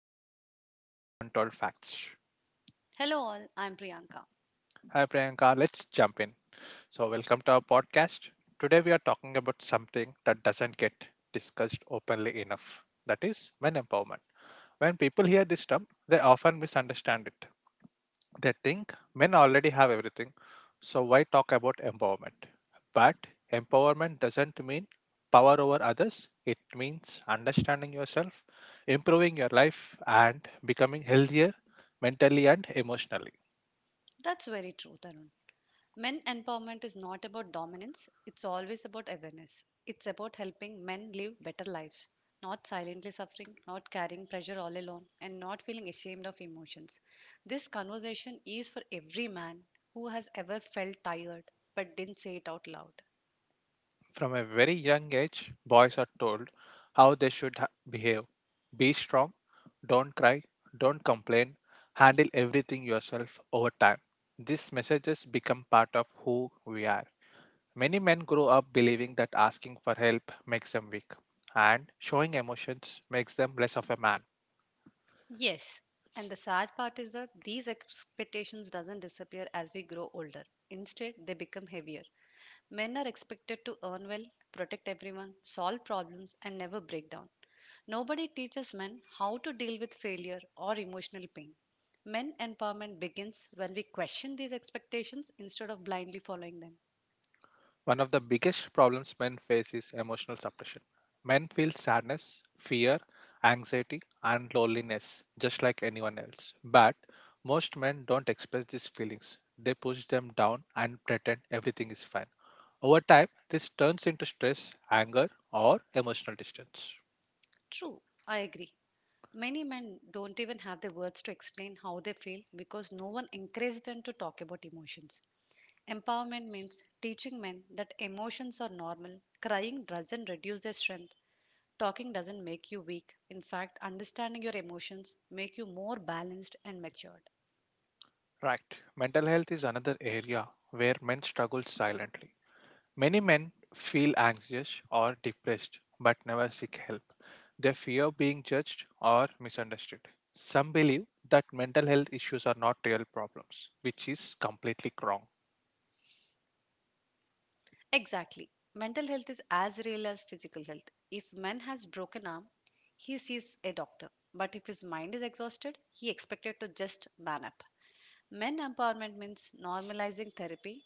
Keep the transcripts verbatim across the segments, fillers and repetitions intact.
where we speak about untold facts. Hello, all. I'm Priyanka. Hi Priyanka, let's jump in. So, welcome to our podcast. Today we are talking about something that doesn't get discussed openly enough, that is, men empowerment. When people hear this term, they often misunderstand it. They think men already have everything, so why talk about empowerment? But empowerment doesn't mean power over others, it means understanding yourself, improving your life, and becoming healthier mentally and emotionally. That's very true, Tarun. Men empowerment is not about dominance, it's always about awareness. It's about helping men live better lives, not silently suffering, not carrying pressure all alone, and not feeling ashamed of emotions. This conversation is for every man who has ever felt tired but didn't say it out loud. From a very young age, boys are told how they should ha- behave, be strong, don't cry, don't complain, handle everything yourself over time. These messages become part of who we are. Many men grow up believing that asking for help makes them weak, and showing emotions makes them less of a man. Yes, and the sad part is that these expectations doesn't disappear as we grow older. Instead, they become heavier. Men are expected to earn well, protect everyone, solve problems, and never break down. Nobody teaches men how to deal with failure or emotional pain. Men empowerment begins when we question these expectations instead of blindly following them. One of the biggest problems men face is emotional suppression. Men feel sadness, fear, anxiety, and loneliness just like anyone else. But most men don't express these feelings, they push them down and pretend everything is fine. Over time, this turns into stress, anger, or emotional distance. True, I agree. Many men don't even have the words to explain how they feel because no one encourages them to talk about emotions. Empowerment means teaching men that emotions are normal, crying doesn't reduce their strength, talking doesn't make you weak. In fact, understanding your emotions make you more balanced and matured. Right. Mental health is another area where men struggle silently. Many men feel anxious or depressed but never seek help. They fear being judged or misunderstood. Some believe that mental health issues are not real problems, which is completely wrong. Exactly. Mental health is as real as physical health. If man has broken arm, he sees a doctor. But if his mind is exhausted, he expected to just man up. Men empowerment means normalizing therapy,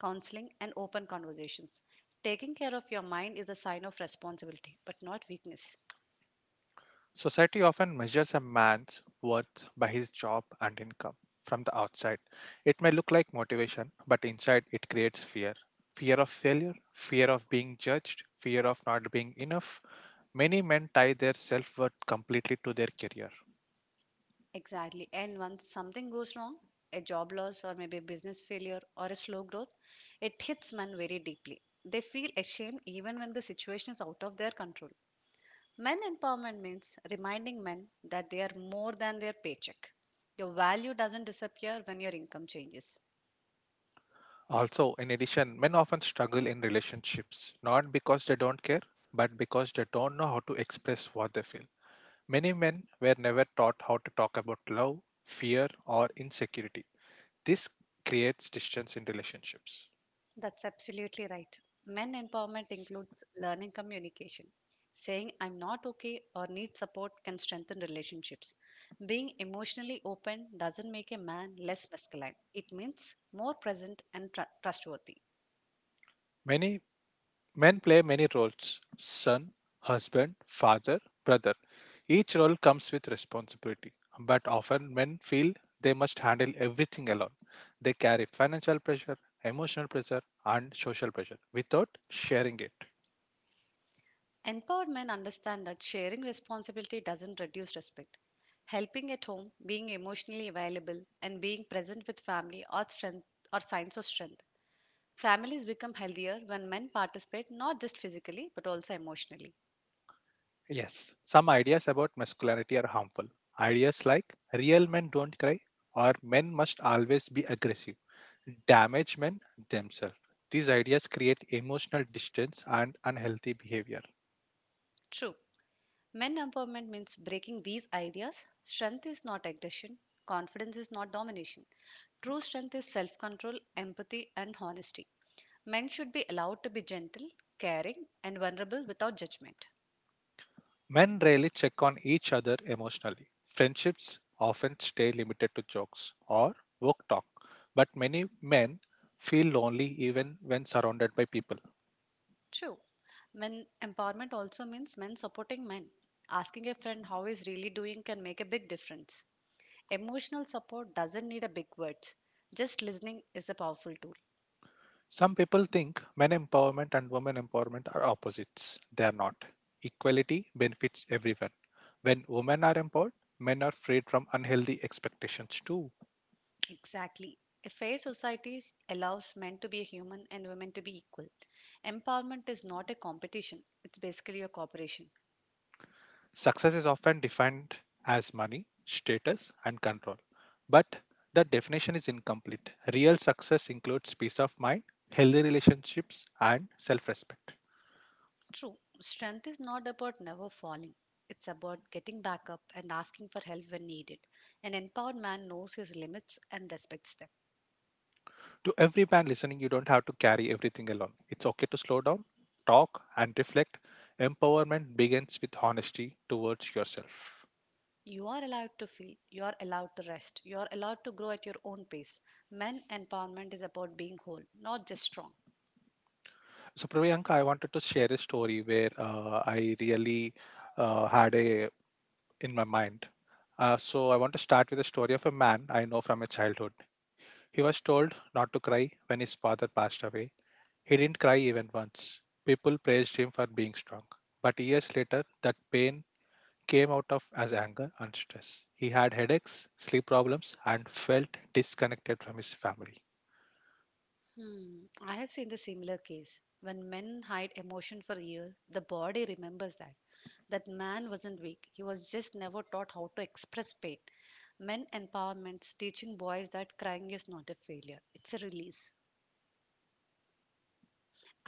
counseling, and open conversations. Taking care of your mind is a sign of responsibility, but not weakness. Society often measures a man's worth by his job and income. From the outside, it may look like motivation, but inside it creates fear, fear of failure, fear of being judged, fear of not being enough. Many men tie their self worth completely to their career. Exactly. And once something goes wrong, a job loss or maybe a business failure or a slow growth, it hits men very deeply. They feel ashamed even when the situation is out of their control. Men empowerment means reminding men that they are more than their paycheck. Your value doesn't disappear when your income changes. Also, in addition, men often struggle in relationships, not because they don't care, but because they don't know how to express what they feel. Many men were never taught how to talk about love, fear, or insecurity. This creates distance in relationships. That's absolutely right. Men empowerment includes learning communication. Saying I'm not okay or need support can strengthen relationships. Being emotionally open doesn't make a man less masculine, it means more present and tr- trustworthy. Many Men play many roles, son, husband, father, brother. Each role comes with responsibility, but often men feel they must handle everything alone. They carry financial pressure, emotional pressure, and social pressure without sharing it. Empowered men understand that sharing responsibility doesn't reduce respect. Helping at home, being emotionally available, and being present with family are, strength, are signs of strength. Families become healthier when men participate not just physically but also emotionally. Yes, some ideas about masculinity are harmful. Ideas like real men don't cry or men must always be aggressive damage men themselves. These ideas create emotional distance and unhealthy behavior. True. Men empowerment means breaking these ideas. Strength is not aggression. Confidence is not domination. True strength is self control, empathy, and honesty. Men should be allowed to be gentle, caring, and vulnerable without judgment. Men rarely check on each other emotionally. Friendships often stay limited to jokes or work talk, but many men feel lonely even when surrounded by people. True. Men empowerment also means men supporting men. Asking a friend how he's really doing can make a big difference. Emotional support doesn't need a big words. Just listening is a powerful tool. Some people think men empowerment and women empowerment are opposites. They are not. Equality benefits everyone. When women are empowered, men are freed from unhealthy expectations too. Exactly. A fair society s- allows men to be human and women to be equal. Empowerment is not a competition, it's basically a cooperation. Success is often defined as money, status, and control. But that definition is incomplete. Real success includes peace of mind, healthy relationships, and self respect. True, strength is not about never falling, it's about getting back up and asking for help when needed. An empowered man knows his limits and respects them. To every man listening, you don't have to carry everything alone. It's okay to slow down, talk, and reflect. Empowerment begins with honesty towards yourself. You are allowed to feel, you are allowed to rest, you are allowed to grow at your own pace. Men empowerment is about being whole, not just strong. So, Priyanka, I wanted to share a story where uh, I really uh, had a in my mind. Uh, so I want to start with a story of a man I know from my childhood. He was told not to cry when his father passed away. He didn't cry even once. People praised him for being strong. But years later, that pain came out of as anger and stress. He had headaches, sleep problems, and felt disconnected from his family. Hmm. I have seen the similar case. When men hide emotion for years, the body remembers that. That man wasn't weak. He was just never taught how to express pain. Men empowerments teaching boys that crying is not a failure. It's a release.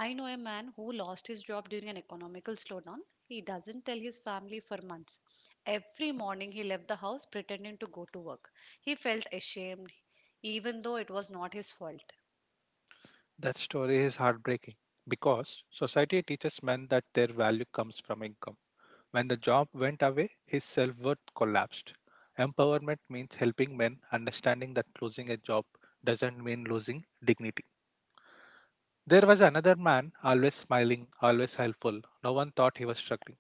I know a man who lost his job during an economical slowdown. He doesn't tell his family for months. Every morning he left the house pretending to go to work. He felt ashamed even though it was not his fault. That story is heartbreaking because society teaches men that their value comes from income. When the job went away, his self worth collapsed. Empowerment means helping men understanding that losing a job doesn't mean losing dignity. There was another man, always smiling, always helpful. No one thought he was struggling.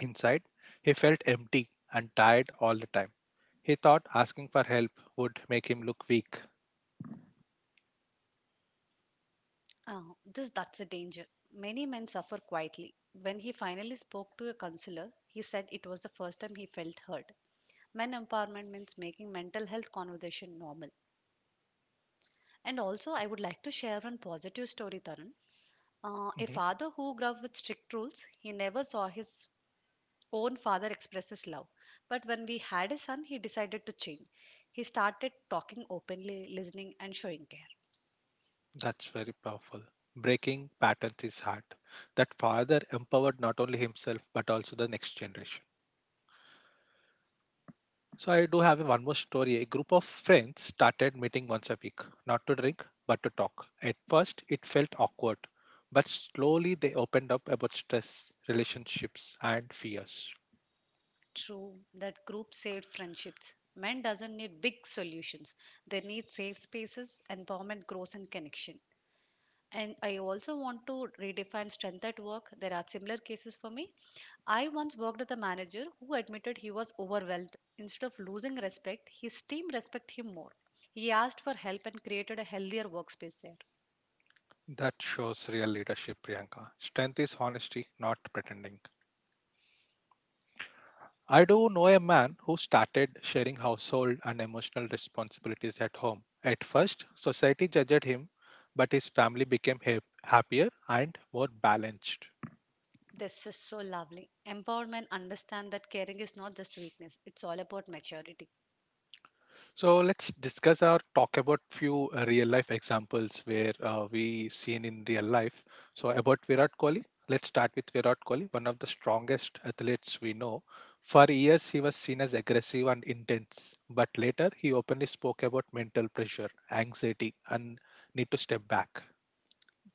Inside, he felt empty and tired all the time. He thought asking for help would make him look weak. Oh, this that's a danger. Many men suffer quietly. When he finally spoke to a counselor, he said it was the first time he felt heard. Men empowerment means making mental health conversation normal. And also, I would like to share one positive story, Tarun. Uh, a Mhm. father who grew up with strict rules, he never saw his own father express his love. But when we had a son, he decided to change. He started talking openly, listening, and showing care. That's very powerful. Breaking patterns is hard. That father empowered not only himself but also the next generation. So I do have one more story. A group of friends started meeting once a week, not to drink, but to talk. At first, it felt awkward, but slowly they opened up about stress, relationships, and fears. True, that group saved friendships. Men doesn't need big solutions. They need safe spaces, empowerment, growth, and connection. And I also want to redefine strength at work. There are similar cases for me. I once worked with a manager who admitted he was overwhelmed. Instead of losing respect, his team respect him more. He asked for help and created a healthier workspace there. That shows real leadership, Priyanka. Strength is honesty, not pretending. I do know a man who started sharing household and emotional responsibilities at home. At first, society judged him, but his family became hap- happier and more balanced. This is so lovely. Empowerment understand that caring is not just weakness. It's all about maturity. So let's discuss or talk about few uh, real life examples where uh, we seen in real life. So about Virat Kohli, let's start with Virat Kohli, one of the strongest athletes we know. For years, he was seen as aggressive and intense, but later he openly spoke about mental pressure, anxiety, and need to step back.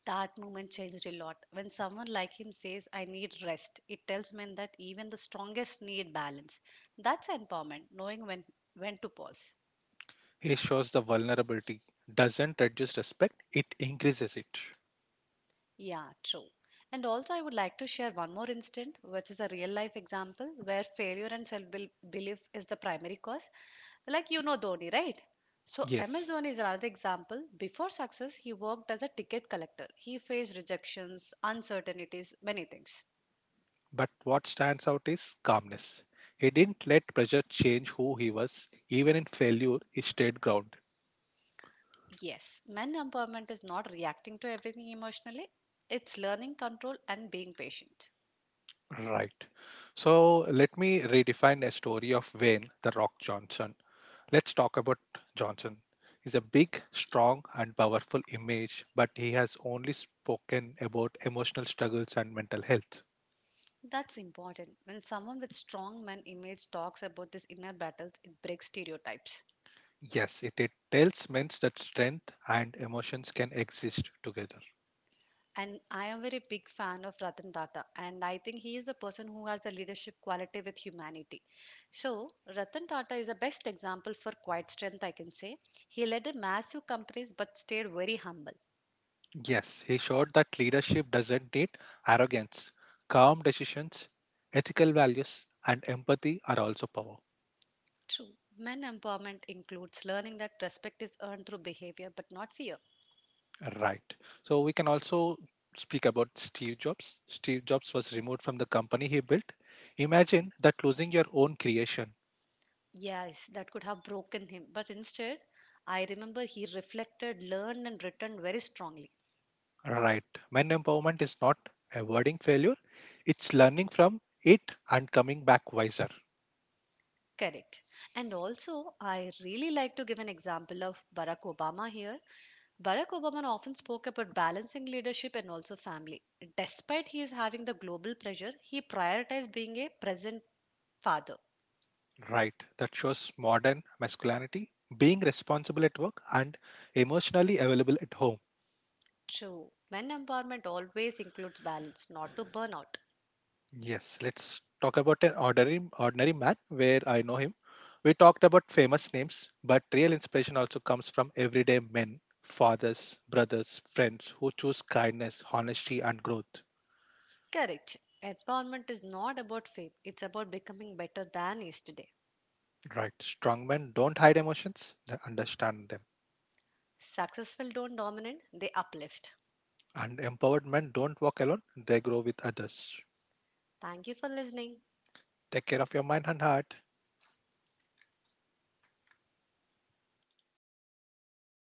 That moment changed a lot. When someone like him says, I need rest, it tells men that even the strongest need balance. That's empowerment, knowing when, when to pause. He shows the vulnerability doesn't reduce respect; it increases it. Yeah, true. And also, I would like to share one more instance, which is a real life example where failure and self belief is the primary cause. Like you know Dhoni, right? So, M S Yes. Dhoni is another example. Before success, he worked as a ticket collector. He faced rejections, uncertainties, many things. But what stands out is calmness. He didn't let pressure change who he was. Even in failure, he stayed grounded. Yes, men empowerment is not reacting to everything emotionally, it's learning control and being patient. Right. So let me redefine a story of Wayne the Rock Johnson. Let's talk about Johnson. He's a big, strong, and powerful image, but he has only spoken about emotional struggles and mental health. That's important. When someone with strong men image talks about this inner battles, it breaks stereotypes. Yes, it, it tells men that strength and emotions can exist together. And I am very big fan of Ratan Tata, and I think he is a person who has a leadership quality with humanity. So Ratan Tata is the best example for quiet strength, I can say. He led a massive companies but stayed very humble. Yes, he showed that leadership doesn't need arrogance. Calm decisions, ethical values, and empathy are also power. True. Men empowerment includes learning that respect is earned through behavior but not fear. Right. So we can also speak about Steve Jobs. Steve Jobs was removed from the company he built. Imagine that, losing your own creation. Yes, that could have broken him, but instead, I remember he reflected, learned, and returned very strongly. Right. Men empowerment is not avoiding failure, it's learning from it and coming back wiser. Correct. And also, I really like to give an example of Barack Obama here. Barack Obama often spoke about balancing leadership and also family. Despite he is having the global pressure, he prioritized being a present father. Right. That shows modern masculinity, being responsible at work and emotionally available at home. True. Men empowerment always includes balance, not to burn out. Yes, let's talk about an ordinary, ordinary man where I know him. We talked about famous names, but real inspiration also comes from everyday men, fathers, brothers, friends who choose kindness, honesty, and growth. Correct. Empowerment is not about fame, it's about becoming better than yesterday. Right. Strong men don't hide emotions, they understand them. Successful don't dominate, they uplift. And empowered men don't walk alone, they grow with others. Thank you for listening. Take care of your mind and heart.